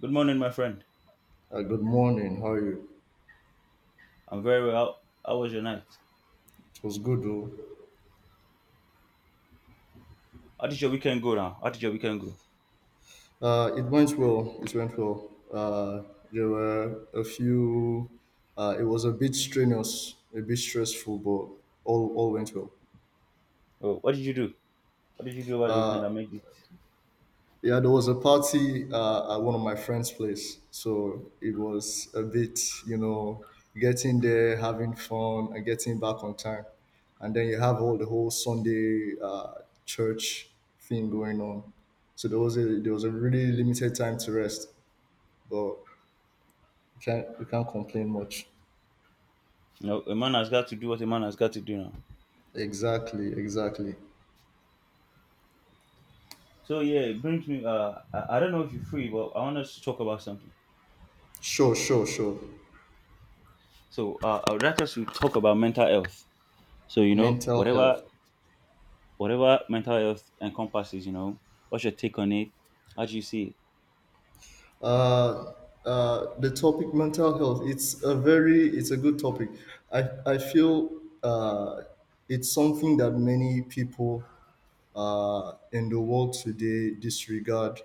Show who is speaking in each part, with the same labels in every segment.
Speaker 1: Good morning, my friend.
Speaker 2: Good morning. How are you?
Speaker 1: I'm very well. How was your night?
Speaker 2: It was good, though.
Speaker 1: How did your weekend go now? How did your weekend go?
Speaker 2: It went well. It went well. There were a few. It was a bit strenuous, a bit stressful, but all went well.
Speaker 1: Oh, what did you do? What did you do over the weekend that
Speaker 2: Uh,
Speaker 1: made it?
Speaker 2: Yeah, there was a party at one of my friend's place, so it was a bit, you know, getting there, having fun, and getting back on time, and then you have all the whole Sunday church thing going on. So there was a really limited time to rest, but you can't complain much.
Speaker 1: You know, a man has got to do what a man has got to do now.
Speaker 2: Exactly, exactly.
Speaker 1: So yeah, it brings me. I don't know if you're free, but I want us to talk about something.
Speaker 2: Sure, sure, sure.
Speaker 1: So I would like us to talk about mental health. So you know,
Speaker 2: Mental
Speaker 1: whatever
Speaker 2: health.
Speaker 1: whatever mental health encompasses, you know, what's your take on it? How do you see it?
Speaker 2: uh, the topic mental health, it's a good topic, I feel uh, it's something that many people in the world today disregard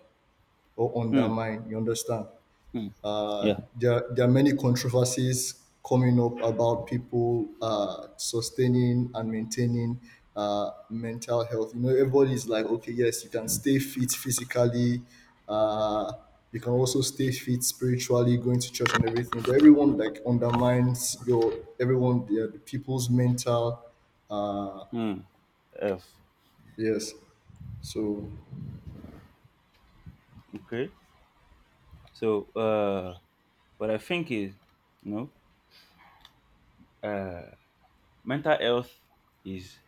Speaker 2: or
Speaker 1: Hmm.
Speaker 2: undermine, you understand?
Speaker 1: Hmm. Yeah.
Speaker 2: There are many controversies coming up about people sustaining and maintaining mental health. You know, everybody's like, okay, yes, you can stay fit physically. Uh, you can also stay fit spiritually, going to church and everything. But everyone like undermines your everyone, yeah, the people's mental. Uh,
Speaker 1: Hmm. F.
Speaker 2: yes. So
Speaker 1: Okay. So what I think is, you know, uh, mental health is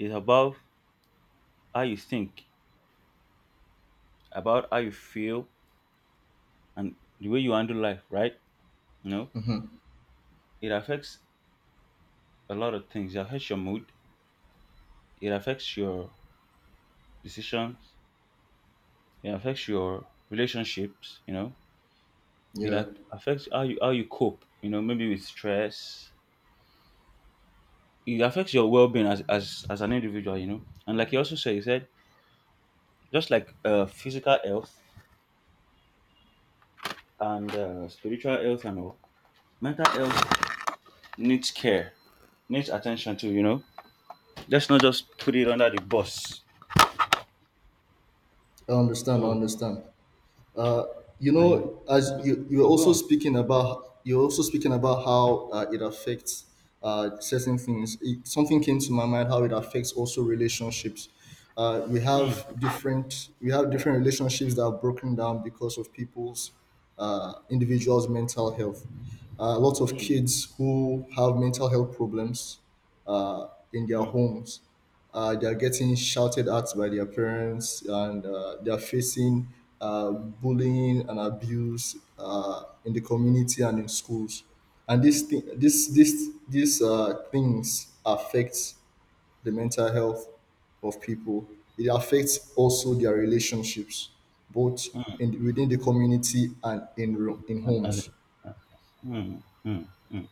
Speaker 1: is about how you think, about how you feel, and the way you handle life. Right? You know,
Speaker 2: mhm,
Speaker 1: it affects a lot of things. It affects your mood. It affects your decisions. It affects your relationships. You know, it
Speaker 2: yeah,
Speaker 1: affects how you cope. You know, maybe with stress. It affects your well being, as, as an individual. You know, and like you also said, you said, just like physical health, and spiritual health, and all, mental health needs care, needs attention too. You know, let's not just put it under the bus.
Speaker 2: I understand. I
Speaker 1: So,
Speaker 2: understand. Uh, you
Speaker 1: and you know,
Speaker 2: know, as
Speaker 1: go, oh, go on.
Speaker 2: you're also speaking about how it affects certain things. It, something came to my mind how it affects also relationships.
Speaker 1: Mm,
Speaker 2: We have different relationships that are broken down because of people's individuals' mental health. Lots of
Speaker 1: mm,
Speaker 2: kids who have mental health problems in their
Speaker 1: mm,
Speaker 2: homes. They are getting shouted at by their parents, and they are facing bullying and abuse in the community and in schools. And this thing, this these things affect the mental health of people. It affects also their relationships, both
Speaker 1: mm.
Speaker 2: in within the community and in
Speaker 1: And as it,
Speaker 2: homes.
Speaker 1: mm, mm, mm.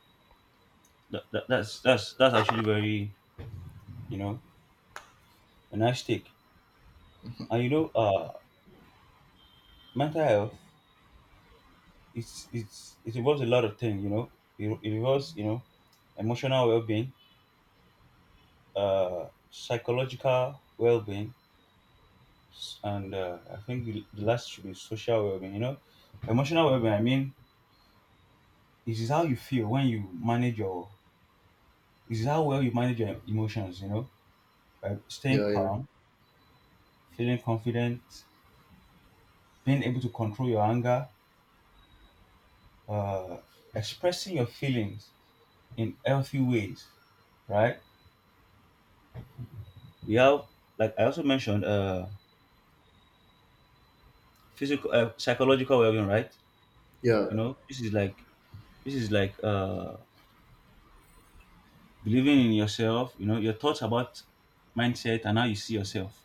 Speaker 1: That's actually very, you know, a nice take. And you know, mental health, it involves a lot of things. You know, it involves, you know, emotional well being, psychological well being, and I think the last should be social well-being. You know, emotional well-being. I mean, this is how you feel when you manage your. This is how well you manage your emotions. You know, by staying
Speaker 2: Yeah, yeah,
Speaker 1: calm, feeling confident, being able to control your anger, uh, expressing your feelings in healthy ways. Right? We have, like I also mentioned, physical, psychological well-being. Right?
Speaker 2: yeah,
Speaker 1: You know, this is like, this is like uh believing in yourself, you know, your thoughts about mindset and how you see yourself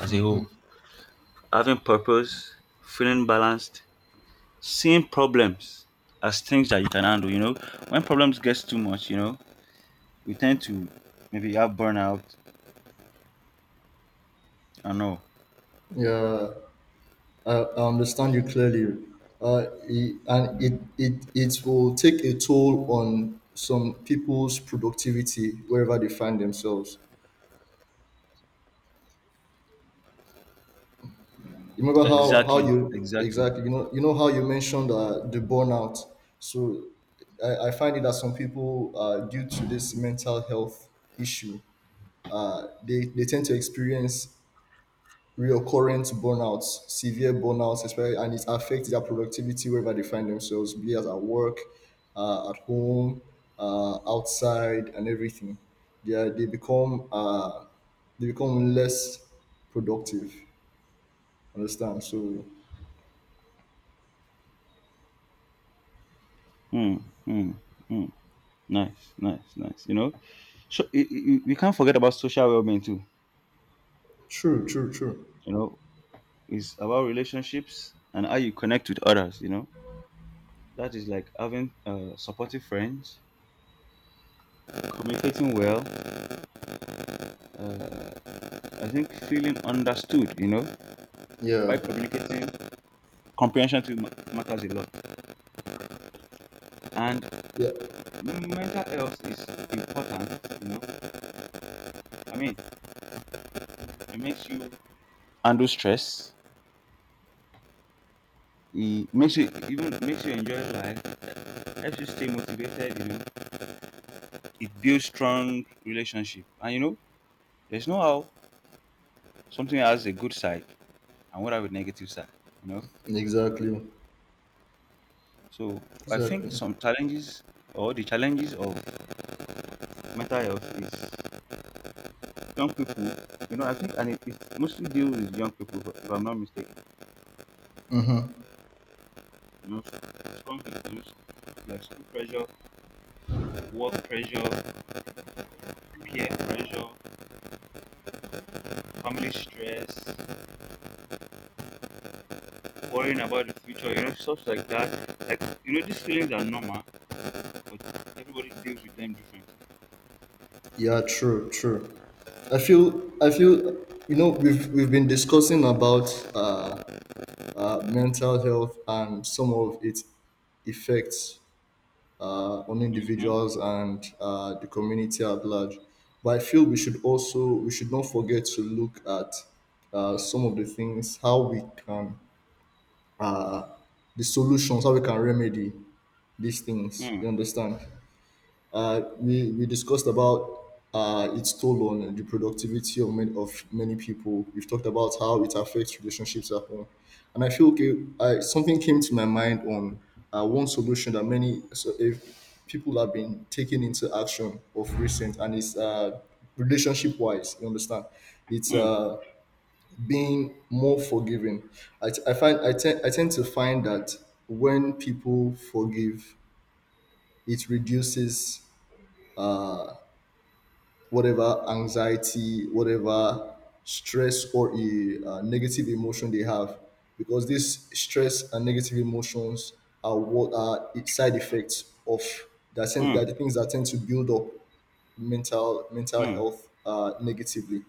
Speaker 1: as a whole. Having purpose, feeling balanced, seeing problems as things that you can handle, you know. When problems gets too much, you know, we tend to maybe have burnout and all.
Speaker 2: yeah. I understand you clearly. And it, it will take a toll on some people's productivity wherever they find themselves. You remember how
Speaker 1: Exactly,
Speaker 2: you,
Speaker 1: exactly.
Speaker 2: exactly, you know, you know how you mentioned the burnout. So I find it that some people, due to this mental health issue, they tend to experience reoccurrent burnouts, severe burnouts especially, and it affects their productivity wherever they find themselves, be it at work, at home, outside, and everything. They are, they become uh, they become less productive. Understand? So
Speaker 1: Hmm, hmm, hmm. Nice, nice, nice. You know, so we can't forget about social well-being too.
Speaker 2: true, true, true.
Speaker 1: You know, it's about relationships and how you connect with others. You know, that is like having supportive friends, communicating well. Uh, I think feeling understood, you know, by
Speaker 2: Yeah,
Speaker 1: communicating, comprehension to matters a lot. And
Speaker 2: yeah,
Speaker 1: mental health is important, you know. I mean, it makes you handle stress. It makes you, even makes you enjoy life. Helps you stay motivated, you know. It builds strong relationship, and you know, there's no how something has a good side and what have a negative side, you know.
Speaker 2: exactly,
Speaker 1: So I think
Speaker 2: exactly.
Speaker 1: some challenges or the challenges of mental health is young people, you know, I think, and it mostly deal with young people, if I'm not mistaken. You know, strong issues like school pressure, work pressure, peer pressure, family stress, worrying about the future, you know, stuff like that. Like, you know, these feelings are normal, but everybody deals with them differently.
Speaker 2: Yeah, true, true. I feel you know we've been discussing about uh mental health and some of its effects on
Speaker 1: Mm-hmm.
Speaker 2: individuals and the community at large. But I feel we should not forget to look at some of the things how we can the solutions, how we can remedy these things.
Speaker 1: Mm,
Speaker 2: You understand? We discussed about its toll on the productivity of many people. We've talked about how it affects relationships at home. And I feel, okay, something came to my mind on one solution that many so if people have been taking into action of recent, and it's, relationship wise, you understand? It's
Speaker 1: mm,
Speaker 2: being more forgiving. I, t- I, find, I, te- I tend to find that when people forgive, it reduces Uh, whatever anxiety, whatever stress or a negative emotion they have, because this stress and negative emotions are what are side effects of
Speaker 1: mm,
Speaker 2: that, the things that tend to build up mental
Speaker 1: mm,
Speaker 2: health negatively.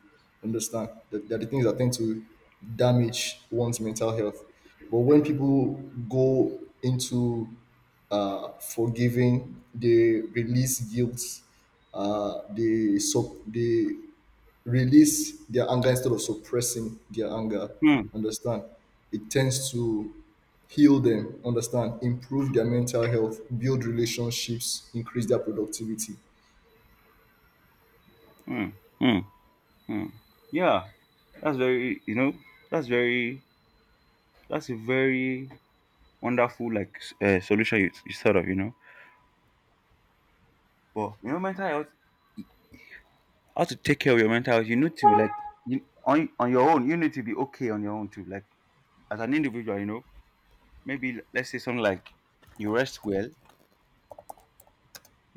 Speaker 2: Understand that, that the things that tend to damage one's mental health. But when people go into forgiving, they release guilt. They release their anger instead of suppressing their anger.
Speaker 1: mm,
Speaker 2: Understand? It tends to heal them. Understand? Improve their mental health, build relationships, increase their productivity.
Speaker 1: mm, mm. Hmm. Yeah, that's very, you know, that's very that's a very wonderful, like, solution you, you thought of, you know. But you know mental health, how to take care of your mental health, you need to, like, you, on your own. You need to be okay on your own too. Like, as an individual, you know, maybe let's say something like, you rest well,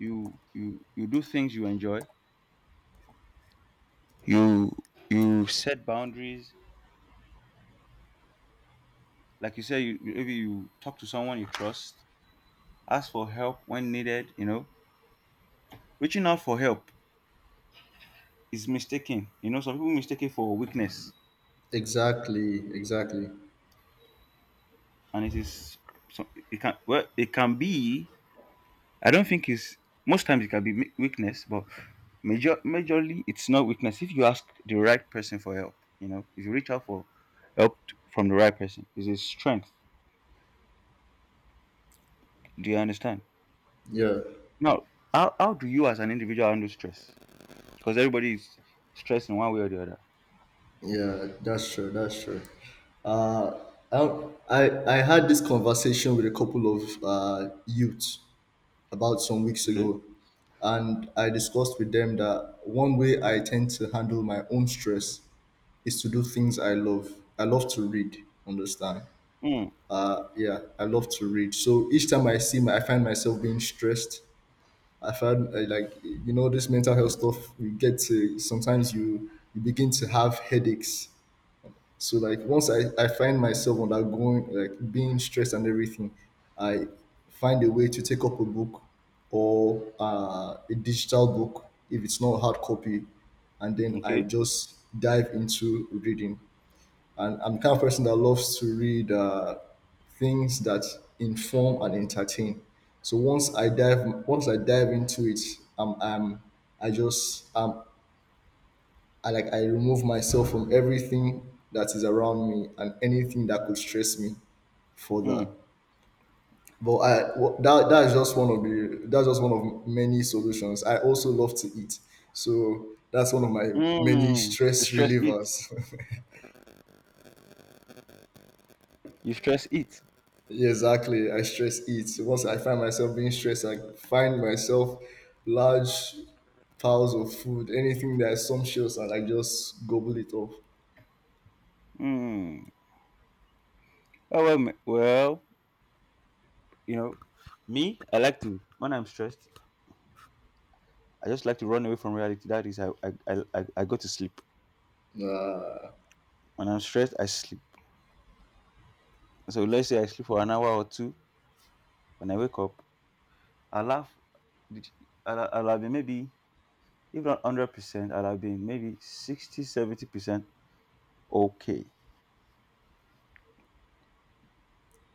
Speaker 1: you you do things you enjoy, you you set boundaries. Like, you say, maybe you talk to someone you trust, ask for help when needed. You know, reaching out for help is mistaken. You know, some people mistake it for weakness,
Speaker 2: Exactly, exactly.
Speaker 1: and it is, so it can, well, it can be. I don't think it's, most times it can be weakness, but majorly it's not weakness if you ask the right person for help. You know, if you reach out for help from the right person, it's a strength. Do you understand?
Speaker 2: Yeah,
Speaker 1: Now, how do you as an individual handle stress? Because everybody is stressed in one way or the other.
Speaker 2: yeah, that's true, that's true. Uh, I, I had this conversation with a couple of youths about some weeks
Speaker 1: Okay.
Speaker 2: ago, and I discussed with them that one way I tend to handle my own stress is to do things I love. I love to read, understand?
Speaker 1: Mm,
Speaker 2: Yeah, I love to read. So each time I find myself being stressed, I've had like you know this mental health stuff. We get to sometimes, you begin to have headaches. So like once I find myself undergoing like being stressed and everything, I find a way to take up a book or a digital book if it's not a hard copy, and then I
Speaker 1: okay.
Speaker 2: just dive into reading. And I'm the kind of person that loves to read things that inform and entertain. So once I dive into it, am I just, I like, I remove myself from everything that is around me and anything that could stress me further.
Speaker 1: Mm,
Speaker 2: But I wh- that that is just one of the that's just one of many solutions. I also love to eat, so that's one of my many
Speaker 1: mm. You
Speaker 2: stress
Speaker 1: stress it.
Speaker 2: relievers.
Speaker 1: You stress it.
Speaker 2: Yeah, exactly. I stress eat. Once I find myself being stressed, I find myself large piles of food, anything that's sumptuous, and I just gobble it off.
Speaker 1: Mm. Oh well, well, you know, me, I like to, when I'm stressed, I just like to run away from reality. That is, I go to sleep.
Speaker 2: Uh,
Speaker 1: When I'm stressed, I sleep. So let's say I sleep for an hour or two. When I wake up, I laugh. I'll have been maybe, if not 100%, I'll have been maybe 60, 70% okay.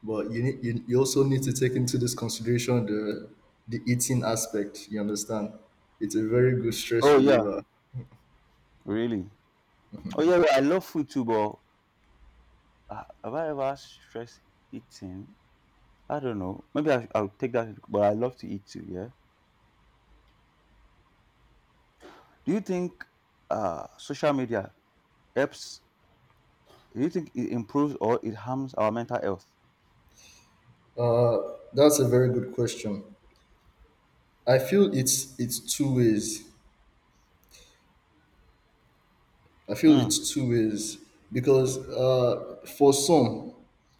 Speaker 2: but you need you also need to take into this consideration the eating aspect. You understand? It's a very good stress
Speaker 1: Oh yeah,
Speaker 2: reliever.
Speaker 1: really. Oh yeah, well, I love food too, but have I ever stressed eating? I don't know. Maybe I'll take that, but I love to eat too. Yeah. Do you think social media helps? Do you think it improves or it harms our mental health?
Speaker 2: Uh, that's a very good question. I feel it's two ways. I feel
Speaker 1: Hmm.
Speaker 2: it's two ways because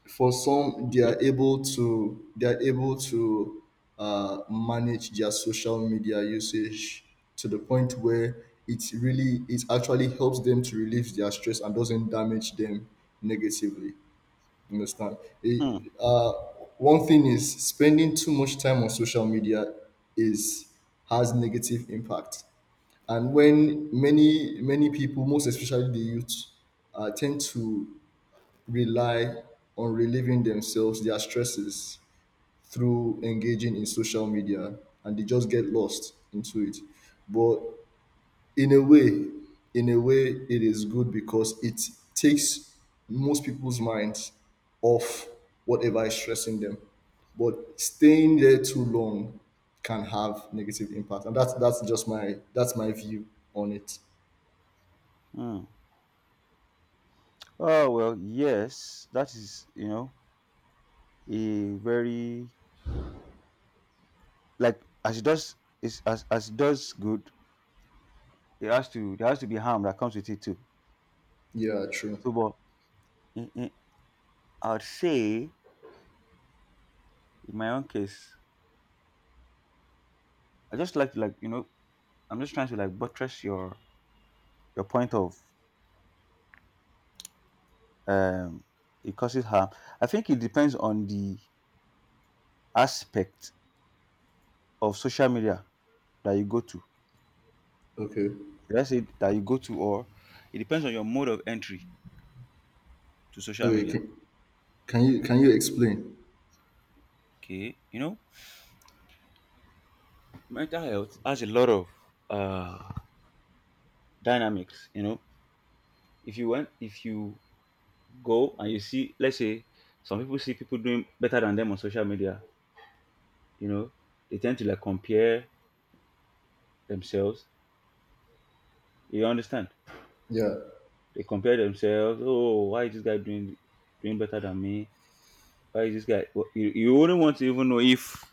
Speaker 2: for some, they
Speaker 1: Okay.
Speaker 2: are able to manage their social media usage to the point where it actually helps them to relieve their stress and doesn't damage them negatively. You understand?
Speaker 1: Hmm.
Speaker 2: It, uh, One thing is spending too much time on social media is has negative impact, and when many people, most especially the youth, tend to rely on relieving themselves, their stresses, through engaging in social media, and they just get lost into it. But in a way, it is good because it takes most people's minds off whatever is stressing them, but staying there too long can have negative impact. And that's just my that's my view on it.
Speaker 1: Hmm. Oh well, yes. That is, you know, a very, like, as it does, is, as it does good. It has to, there has to be harm that comes with it too.
Speaker 2: Yeah, true.
Speaker 1: So, but in, in, I'd say, in my own case, I just like to, like, you know, I'm just trying to, like, buttress your point of, um it causes harm. I think it depends on the aspect of social media that you go to.
Speaker 2: Okay.
Speaker 1: Should I say that you go to, or it depends on your mode of entry to social
Speaker 2: Okay,
Speaker 1: media.
Speaker 2: can you explain?
Speaker 1: Okay, you know, mental health has a lot of uh, dynamics. You know, if you go and you see, let's say, some people see people doing better than them on social media. You know, they tend to, like, compare themselves. You understand?
Speaker 2: Yeah.
Speaker 1: They compare themselves. Oh, why is this guy doing better than me? Why is this guy? Well, you wouldn't want to even know if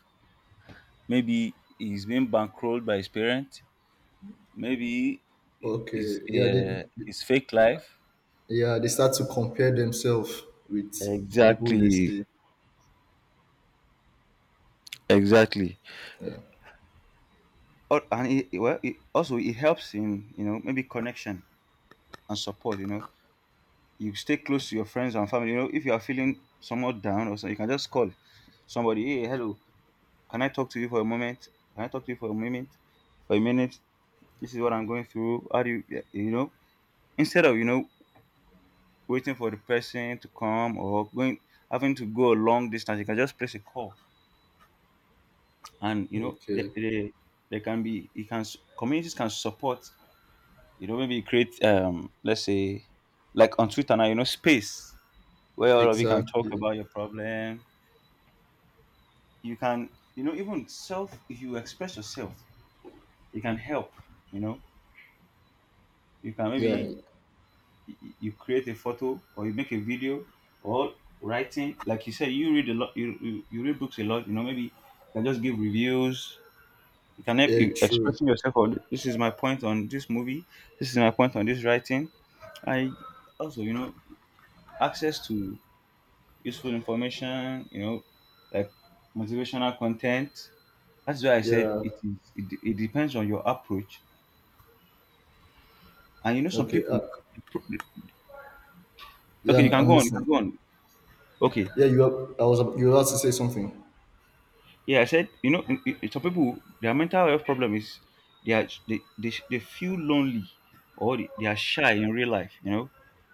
Speaker 1: maybe he's being bankrolled by his parents. Maybe
Speaker 2: Okay.
Speaker 1: it's fake life.
Speaker 2: Yeah, they start to compare themselves with people they
Speaker 1: Exactly,
Speaker 2: see.
Speaker 1: exactly. Oh, and it, well, it also, it helps in, you know, maybe connection and support. You know, you stay close to your friends and family. You know, if you are feeling somewhat down or something, you can just call somebody. Hey, hello, can I talk to you for a moment? Can I talk to you for a moment? For a minute, this is what I'm going through. How do you, you know? Instead of, you know, waiting for the person to come, or going, having to go a long distance, you can just place a call, and you know,
Speaker 2: Okay.
Speaker 1: they can be, you can communities can support, you know, maybe create, let's say, like on Twitter now, you know, space where all of you can talk
Speaker 2: Exactly.
Speaker 1: about your problem, you can, you know, even self, if you express yourself, you can help, you know, you can
Speaker 2: Yeah.
Speaker 1: maybe you create a photo, or you make a video, or writing, like you said, you read a lot, you read books a lot, you know, maybe you can just give reviews, you can help,
Speaker 2: Yeah,
Speaker 1: you
Speaker 2: true.
Speaker 1: expressing yourself, or this is my point on this movie, this is my point on this writing. I also, you know, access to useful information, you know, like motivational content. That's why I said
Speaker 2: Yeah.
Speaker 1: it is it, it depends on your approach. And you know, some
Speaker 2: Okay.
Speaker 1: people,
Speaker 2: Yeah,
Speaker 1: okay, you can
Speaker 2: I'm
Speaker 1: go on, you can
Speaker 2: listening.
Speaker 1: go on. Okay.
Speaker 2: Yeah, you are, you were about to say something.
Speaker 1: Yeah, I said, you know, some people, their mental health problem is, they feel lonely, or they are shy in real life, you know.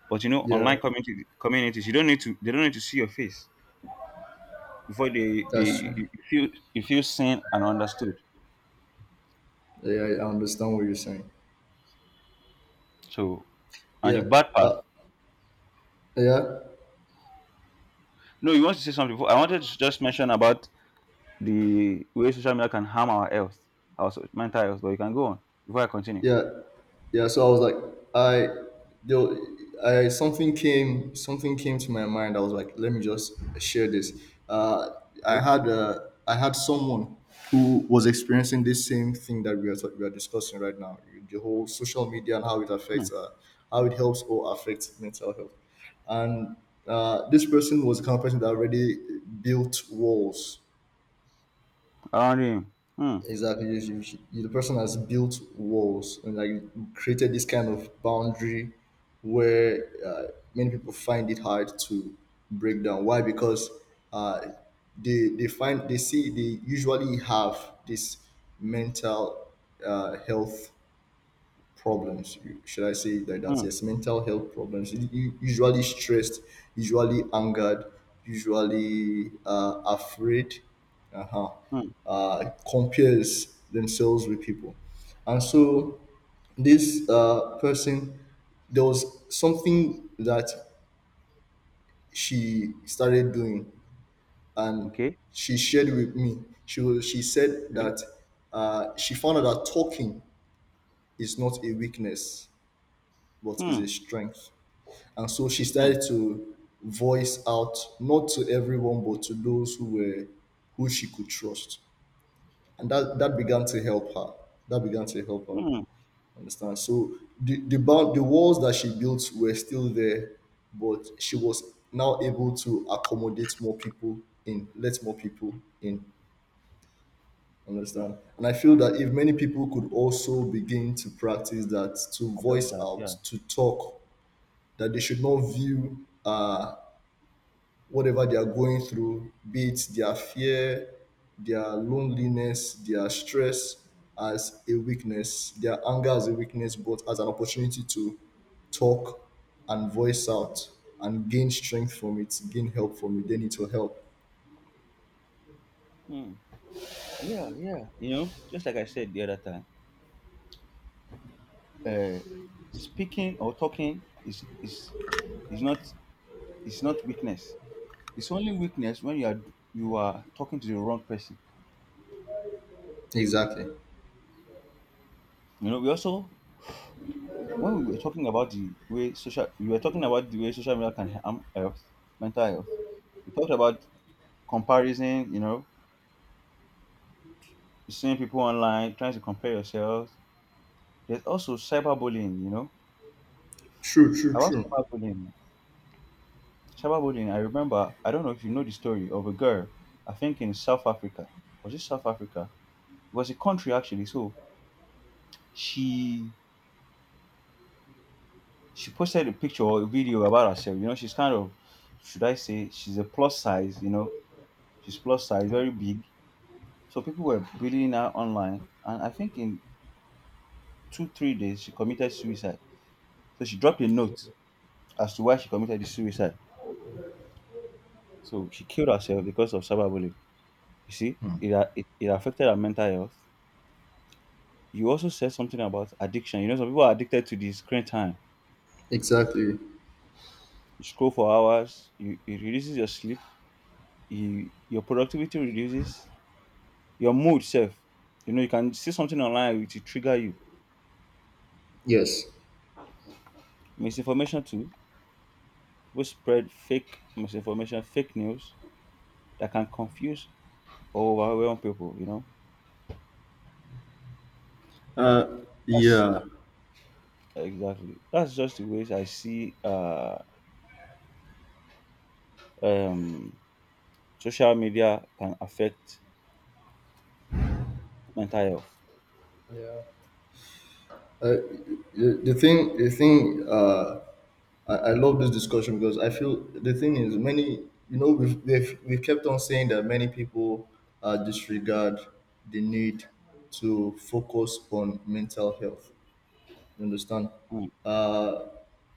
Speaker 1: But you know,
Speaker 2: Yeah,
Speaker 1: online community, communities, you don't need to, they don't need to see your face before they
Speaker 2: that's true.
Speaker 1: you feel, you feel seen and understood.
Speaker 2: Yeah, I understand what you're saying.
Speaker 1: So, and the
Speaker 2: Yeah.
Speaker 1: bad part.
Speaker 2: Uh, yeah.
Speaker 1: No, you want to say something before? I wanted to just mention about the way social media can harm our health, our mental health. But you can go on before I continue.
Speaker 2: yeah yeah, so I was like I yo, I something came, to my mind, I was like, let me just share this. uh, i
Speaker 1: Okay.
Speaker 2: had uh, I had someone who was experiencing this same thing that we are discussing right now, the whole social media and how it
Speaker 1: Hmm.
Speaker 2: affects, how it helps or affects mental health. And this person was the kind of person that already built walls.
Speaker 1: Around him. Hmm.
Speaker 2: Exactly. The person has built walls and like created this kind of boundary where many people find it hard to break down. Why? Because uh, they find, they see, they usually have this mental health problems. You, should I say it like that?
Speaker 1: Hmm.
Speaker 2: That's, yes, mental health problems. Usually stressed, usually angered, usually afraid, uh-huh,
Speaker 1: Hmm.
Speaker 2: compares themselves with people. And so this person, there was something that she started doing, and
Speaker 1: Okay.
Speaker 2: she shared with me. She said
Speaker 1: Okay.
Speaker 2: that she found out that talking is not a weakness but is
Speaker 1: Hmm.
Speaker 2: a strength. And so she
Speaker 1: Mm,
Speaker 2: started to voice out, not to everyone, but to those who were, who she could trust. And that began to help her. That began to help her.
Speaker 1: mm.
Speaker 2: Understand? So the walls that she built were still there, but she was now able to accommodate more people let more people in.
Speaker 1: Mm.
Speaker 2: Understand? And I feel that if many people could also begin to practice that, to
Speaker 1: I love
Speaker 2: voice
Speaker 1: that. Yeah.
Speaker 2: out, to talk, that they should not view whatever they are going through, be it their fear, their loneliness, their stress as a weakness, their anger as a weakness, but as an opportunity to talk and voice out and gain strength from it, gain help from it. They need to help.
Speaker 1: Mm. Yeah, yeah. You know, just like I said the other time, uh, speaking or talking is is not, is not weakness. It's only weakness when you are, you are talking to the wrong person.
Speaker 2: Exactly.
Speaker 1: You know, we also when we were talking about the way social we were talking about the way social media can harm health, mental health. We talked about comparison. Seeing people online, trying to compare yourselves. There's also cyberbullying.
Speaker 2: True, true,
Speaker 1: About
Speaker 2: true.
Speaker 1: cyberbullying. Cyberbullying, I remember, I don't know if you know the story of a girl, I think in South Africa. Was it South Africa? It was a country actually. So she she posted a picture or a video about herself. She's kind of, should I say, she's a plus size, she's plus size, very big. So people were bullying her online, and I think in 2, 3 days she committed suicide. So she dropped a note as to why she committed the suicide. So she killed herself because of cyberbullying. You see, it affected her mental health. You also said something about addiction. Some people are addicted to the screen time.
Speaker 2: Exactly.
Speaker 1: You scroll for hours, it reduces your sleep, your productivity reduces, your mood self. You can see something online, which will trigger you.
Speaker 2: Yes.
Speaker 1: Misinformation too. People spread fake misinformation, fake news that can confuse or overwhelm people.
Speaker 2: Uh,
Speaker 1: That's
Speaker 2: yeah.
Speaker 1: exactly that's just the ways I see um social media can affect mental health.
Speaker 2: Yeah. Uh, the thing, I love this discussion because I feel the thing is, many, you know, we've kept on saying that many people disregard the need to focus on mental health. You understand?
Speaker 1: Mm,
Speaker 2: Uh,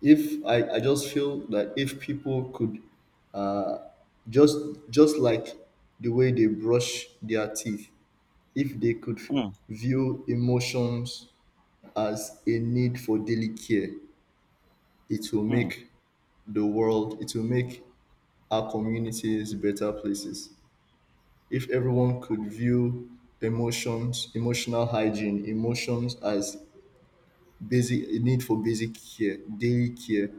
Speaker 2: if I just feel that if people could uh, just just, like the way they brush their teeth, if they could
Speaker 1: mm,
Speaker 2: view emotions as a need for daily care, it will
Speaker 1: mm,
Speaker 2: make the world it will make our communities better places if everyone could view emotions, emotional hygiene, emotions as basic a need for basic care, daily care,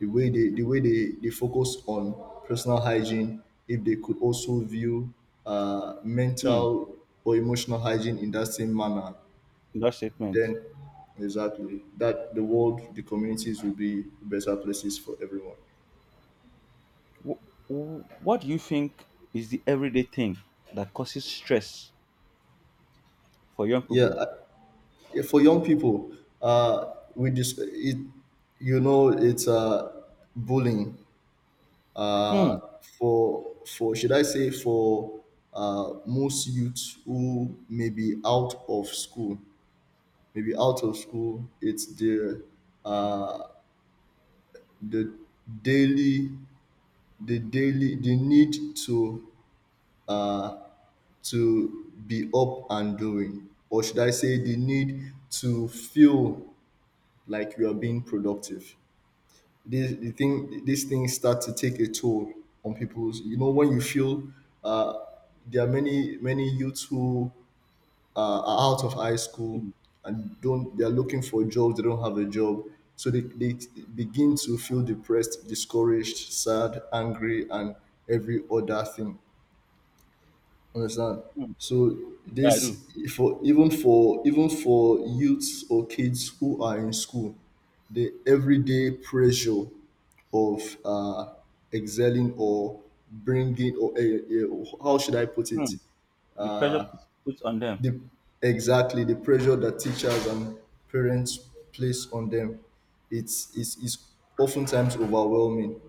Speaker 2: the way they focus on personal hygiene. If they could also view
Speaker 1: mm.
Speaker 2: mental or emotional hygiene in that same manner,
Speaker 1: That statement.
Speaker 2: then exactly, that the communities will be better places for everyone.
Speaker 1: What do you think is the everyday thing that causes stress for young
Speaker 2: Yeah.
Speaker 1: people?
Speaker 2: Yeah, for young people, we just it, you know, it's bullying.
Speaker 1: Hmm.
Speaker 2: Uh, for should I say, for most youths who may be out of school, maybe out of school, it's uh, the daily the daily the need to uh, to be up and doing, or should I say the need to feel like you are being productive. This the thing these things start to take a toll on people's, you know, when you feel uh, there are many youths who are out of high school
Speaker 1: Hmm,
Speaker 2: and don't they are looking for jobs, they don't have a job, so they begin to feel depressed, discouraged, sad, angry, and every other thing. Understand?
Speaker 1: hmm.
Speaker 2: So
Speaker 1: Yeah, I do.
Speaker 2: this, for youths or kids who are in school, the everyday pressure of excelling or bringing or how should I put
Speaker 1: Hmm.
Speaker 2: it?
Speaker 1: The pressure
Speaker 2: Uh,
Speaker 1: put on them,
Speaker 2: the exactly the pressure that teachers and parents place on them, it's oftentimes overwhelming.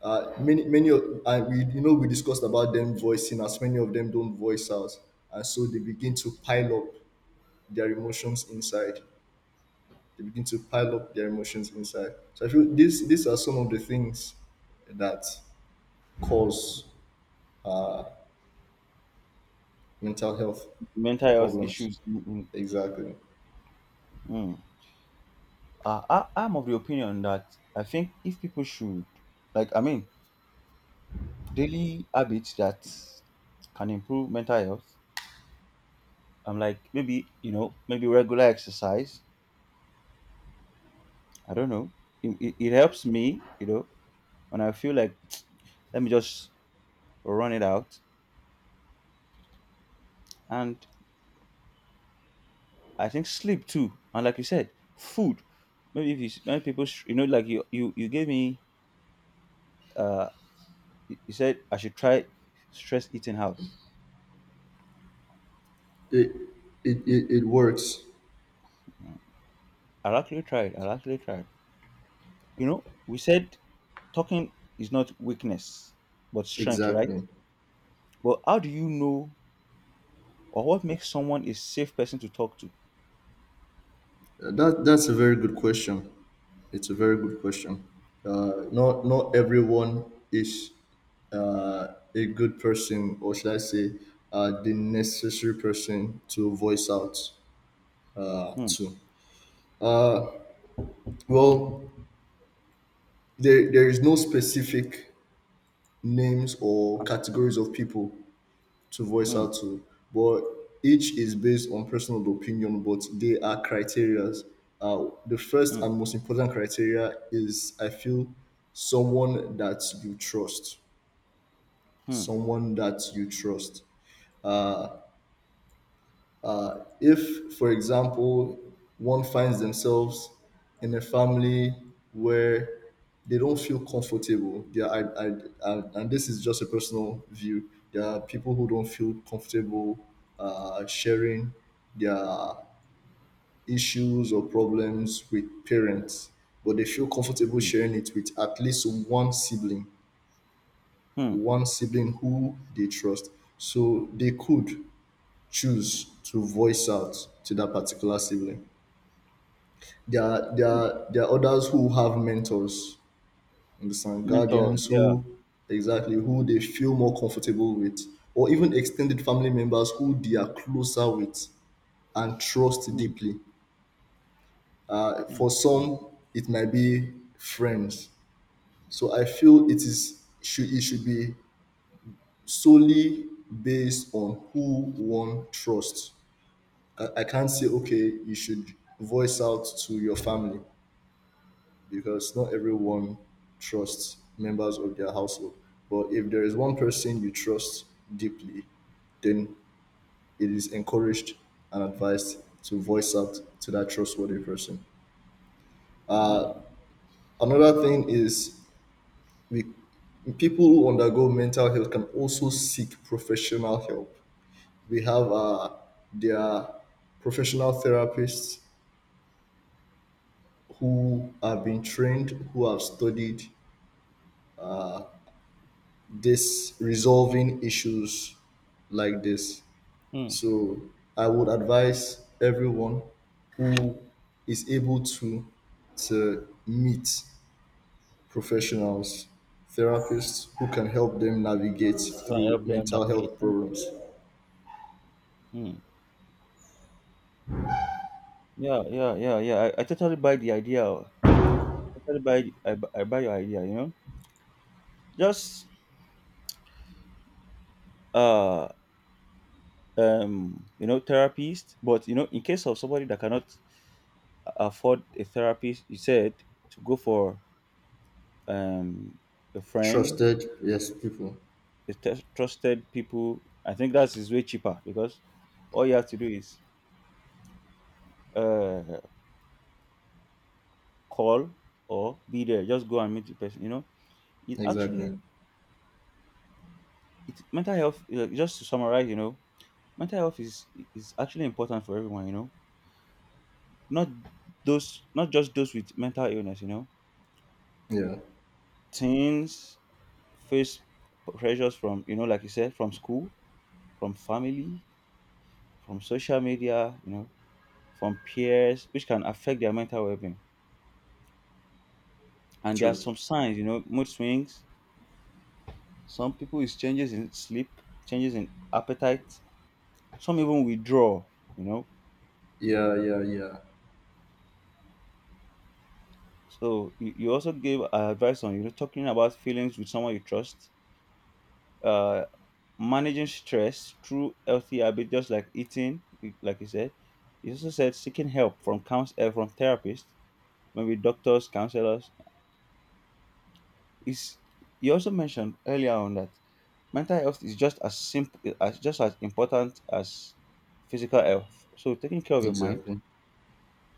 Speaker 2: Many of we, you know, we discussed about them voicing, as many of them don't voice out, and so they begin to pile up their emotions inside. They begin to pile up their emotions inside, so I feel these are some of the things that cause mental health
Speaker 1: mental health
Speaker 2: problems.
Speaker 1: issues. Mm, mm,
Speaker 2: Exactly.
Speaker 1: mm. I'm of the opinion that I think if people should, like, I mean, daily habits that can improve mental health, I'm like, maybe, maybe regular exercise. I don't know. It helps me, when I feel like, let me just run it out, and I think sleep too. And like you said, food. Maybe if you s- like you gave me, uh you said, I should try stress eating out.
Speaker 2: It it, it, it works.
Speaker 1: I actually tried. I actually tried. You know we said talking is not weakness but strength, right?
Speaker 2: Exactly.
Speaker 1: But how do you know or what makes someone a safe person to talk to?
Speaker 2: That's a very good question. It's a very good question. Not everyone is uh, a good person, or should I say, the necessary person to voice out
Speaker 1: Hmm.
Speaker 2: to. Well, there is no specific names or
Speaker 1: As-
Speaker 2: categories of people to voice
Speaker 1: Hmm.
Speaker 2: out to, but each is based on personal opinion, but they are criterias. The first
Speaker 1: Hmm.
Speaker 2: and most important criteria is, I feel, someone that you trust,
Speaker 1: Hmm.
Speaker 2: someone that you trust. If, for example, one finds themselves in a family where they don't feel comfortable, yeah, and this is just a personal view. There are people who don't feel comfortable sharing their issues or problems with parents, but they feel comfortable
Speaker 1: Hmm.
Speaker 2: sharing it with at least
Speaker 1: Hmm.
Speaker 2: one sibling who they trust. So they could choose to voice out to that particular sibling. There are, there
Speaker 1: Hmm.
Speaker 2: are, there are others who have mentors, understand,
Speaker 1: Mentors.
Speaker 2: guardians
Speaker 1: Yeah.
Speaker 2: who, exactly, who they feel more comfortable with, or even extended family members who they are closer with and trust
Speaker 1: Hmm.
Speaker 2: deeply.
Speaker 1: Hmm.
Speaker 2: For
Speaker 1: Hmm.
Speaker 2: some, it might be friends. So I feel it is, should, it should be solely based on who one trusts. I can't say, okay, you should voice out to your family because not everyone trusts members of their household, but if there is one person you trust deeply, then it is encouraged and advised to voice out to that trustworthy person.
Speaker 1: Hmm.
Speaker 2: Another thing is, we people who undergo mental health can also seek professional help. We have their professional therapists who have been trained, who have studied this, resolving issues like this.
Speaker 1: Hmm.
Speaker 2: So I would advise everyone who is able to meet professionals, therapists who can help them navigate
Speaker 1: You can
Speaker 2: through
Speaker 1: help them
Speaker 2: mental
Speaker 1: navigate.
Speaker 2: health
Speaker 1: Hmm.
Speaker 2: problems.
Speaker 1: Hmm. Yeah, yeah, yeah, yeah. I totally buy the idea. I totally buy. The- I, bu- I buy your idea. Just, uh therapist. But in case of somebody that cannot afford a therapist, you said to go for um a friend,
Speaker 2: Trusted, yes, people.
Speaker 1: a trusted people. I think that's way cheaper because all you have to do is uh call or be there. Just go and meet the person. It
Speaker 2: Exactly.
Speaker 1: actually it mental health just to summarize, mental health is actually important for everyone, not not just those with mental illness. You know,
Speaker 2: Yeah.
Speaker 1: teens face pressures from, like you said, from school, from family, from social media, from peers, which can affect their mental well-being. And there are
Speaker 2: True.
Speaker 1: some signs, mood swings, some people is changes in sleep, changes in appetite, some even withdraw you know
Speaker 2: Yeah, yeah, yeah.
Speaker 1: So you also gave advice on, talking about feelings with someone you trust, uh, managing stress through healthy habits, just like eating, like you said. You also said seeking help from counsel, from therapists, maybe doctors, counselors. Is You also mentioned earlier on that mental health is just as important as physical health. So taking care of your mind,
Speaker 2: Exactly.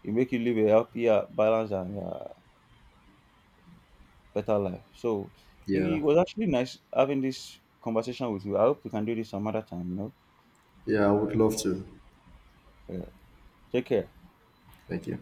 Speaker 1: it make you live a healthier, balanced, and better life. So it
Speaker 2: Yeah.
Speaker 1: it was actually nice having this conversation with you. I hope we can do this some other time.
Speaker 2: Yeah, I would love to.
Speaker 1: Yeah. Take care.
Speaker 2: Thank you.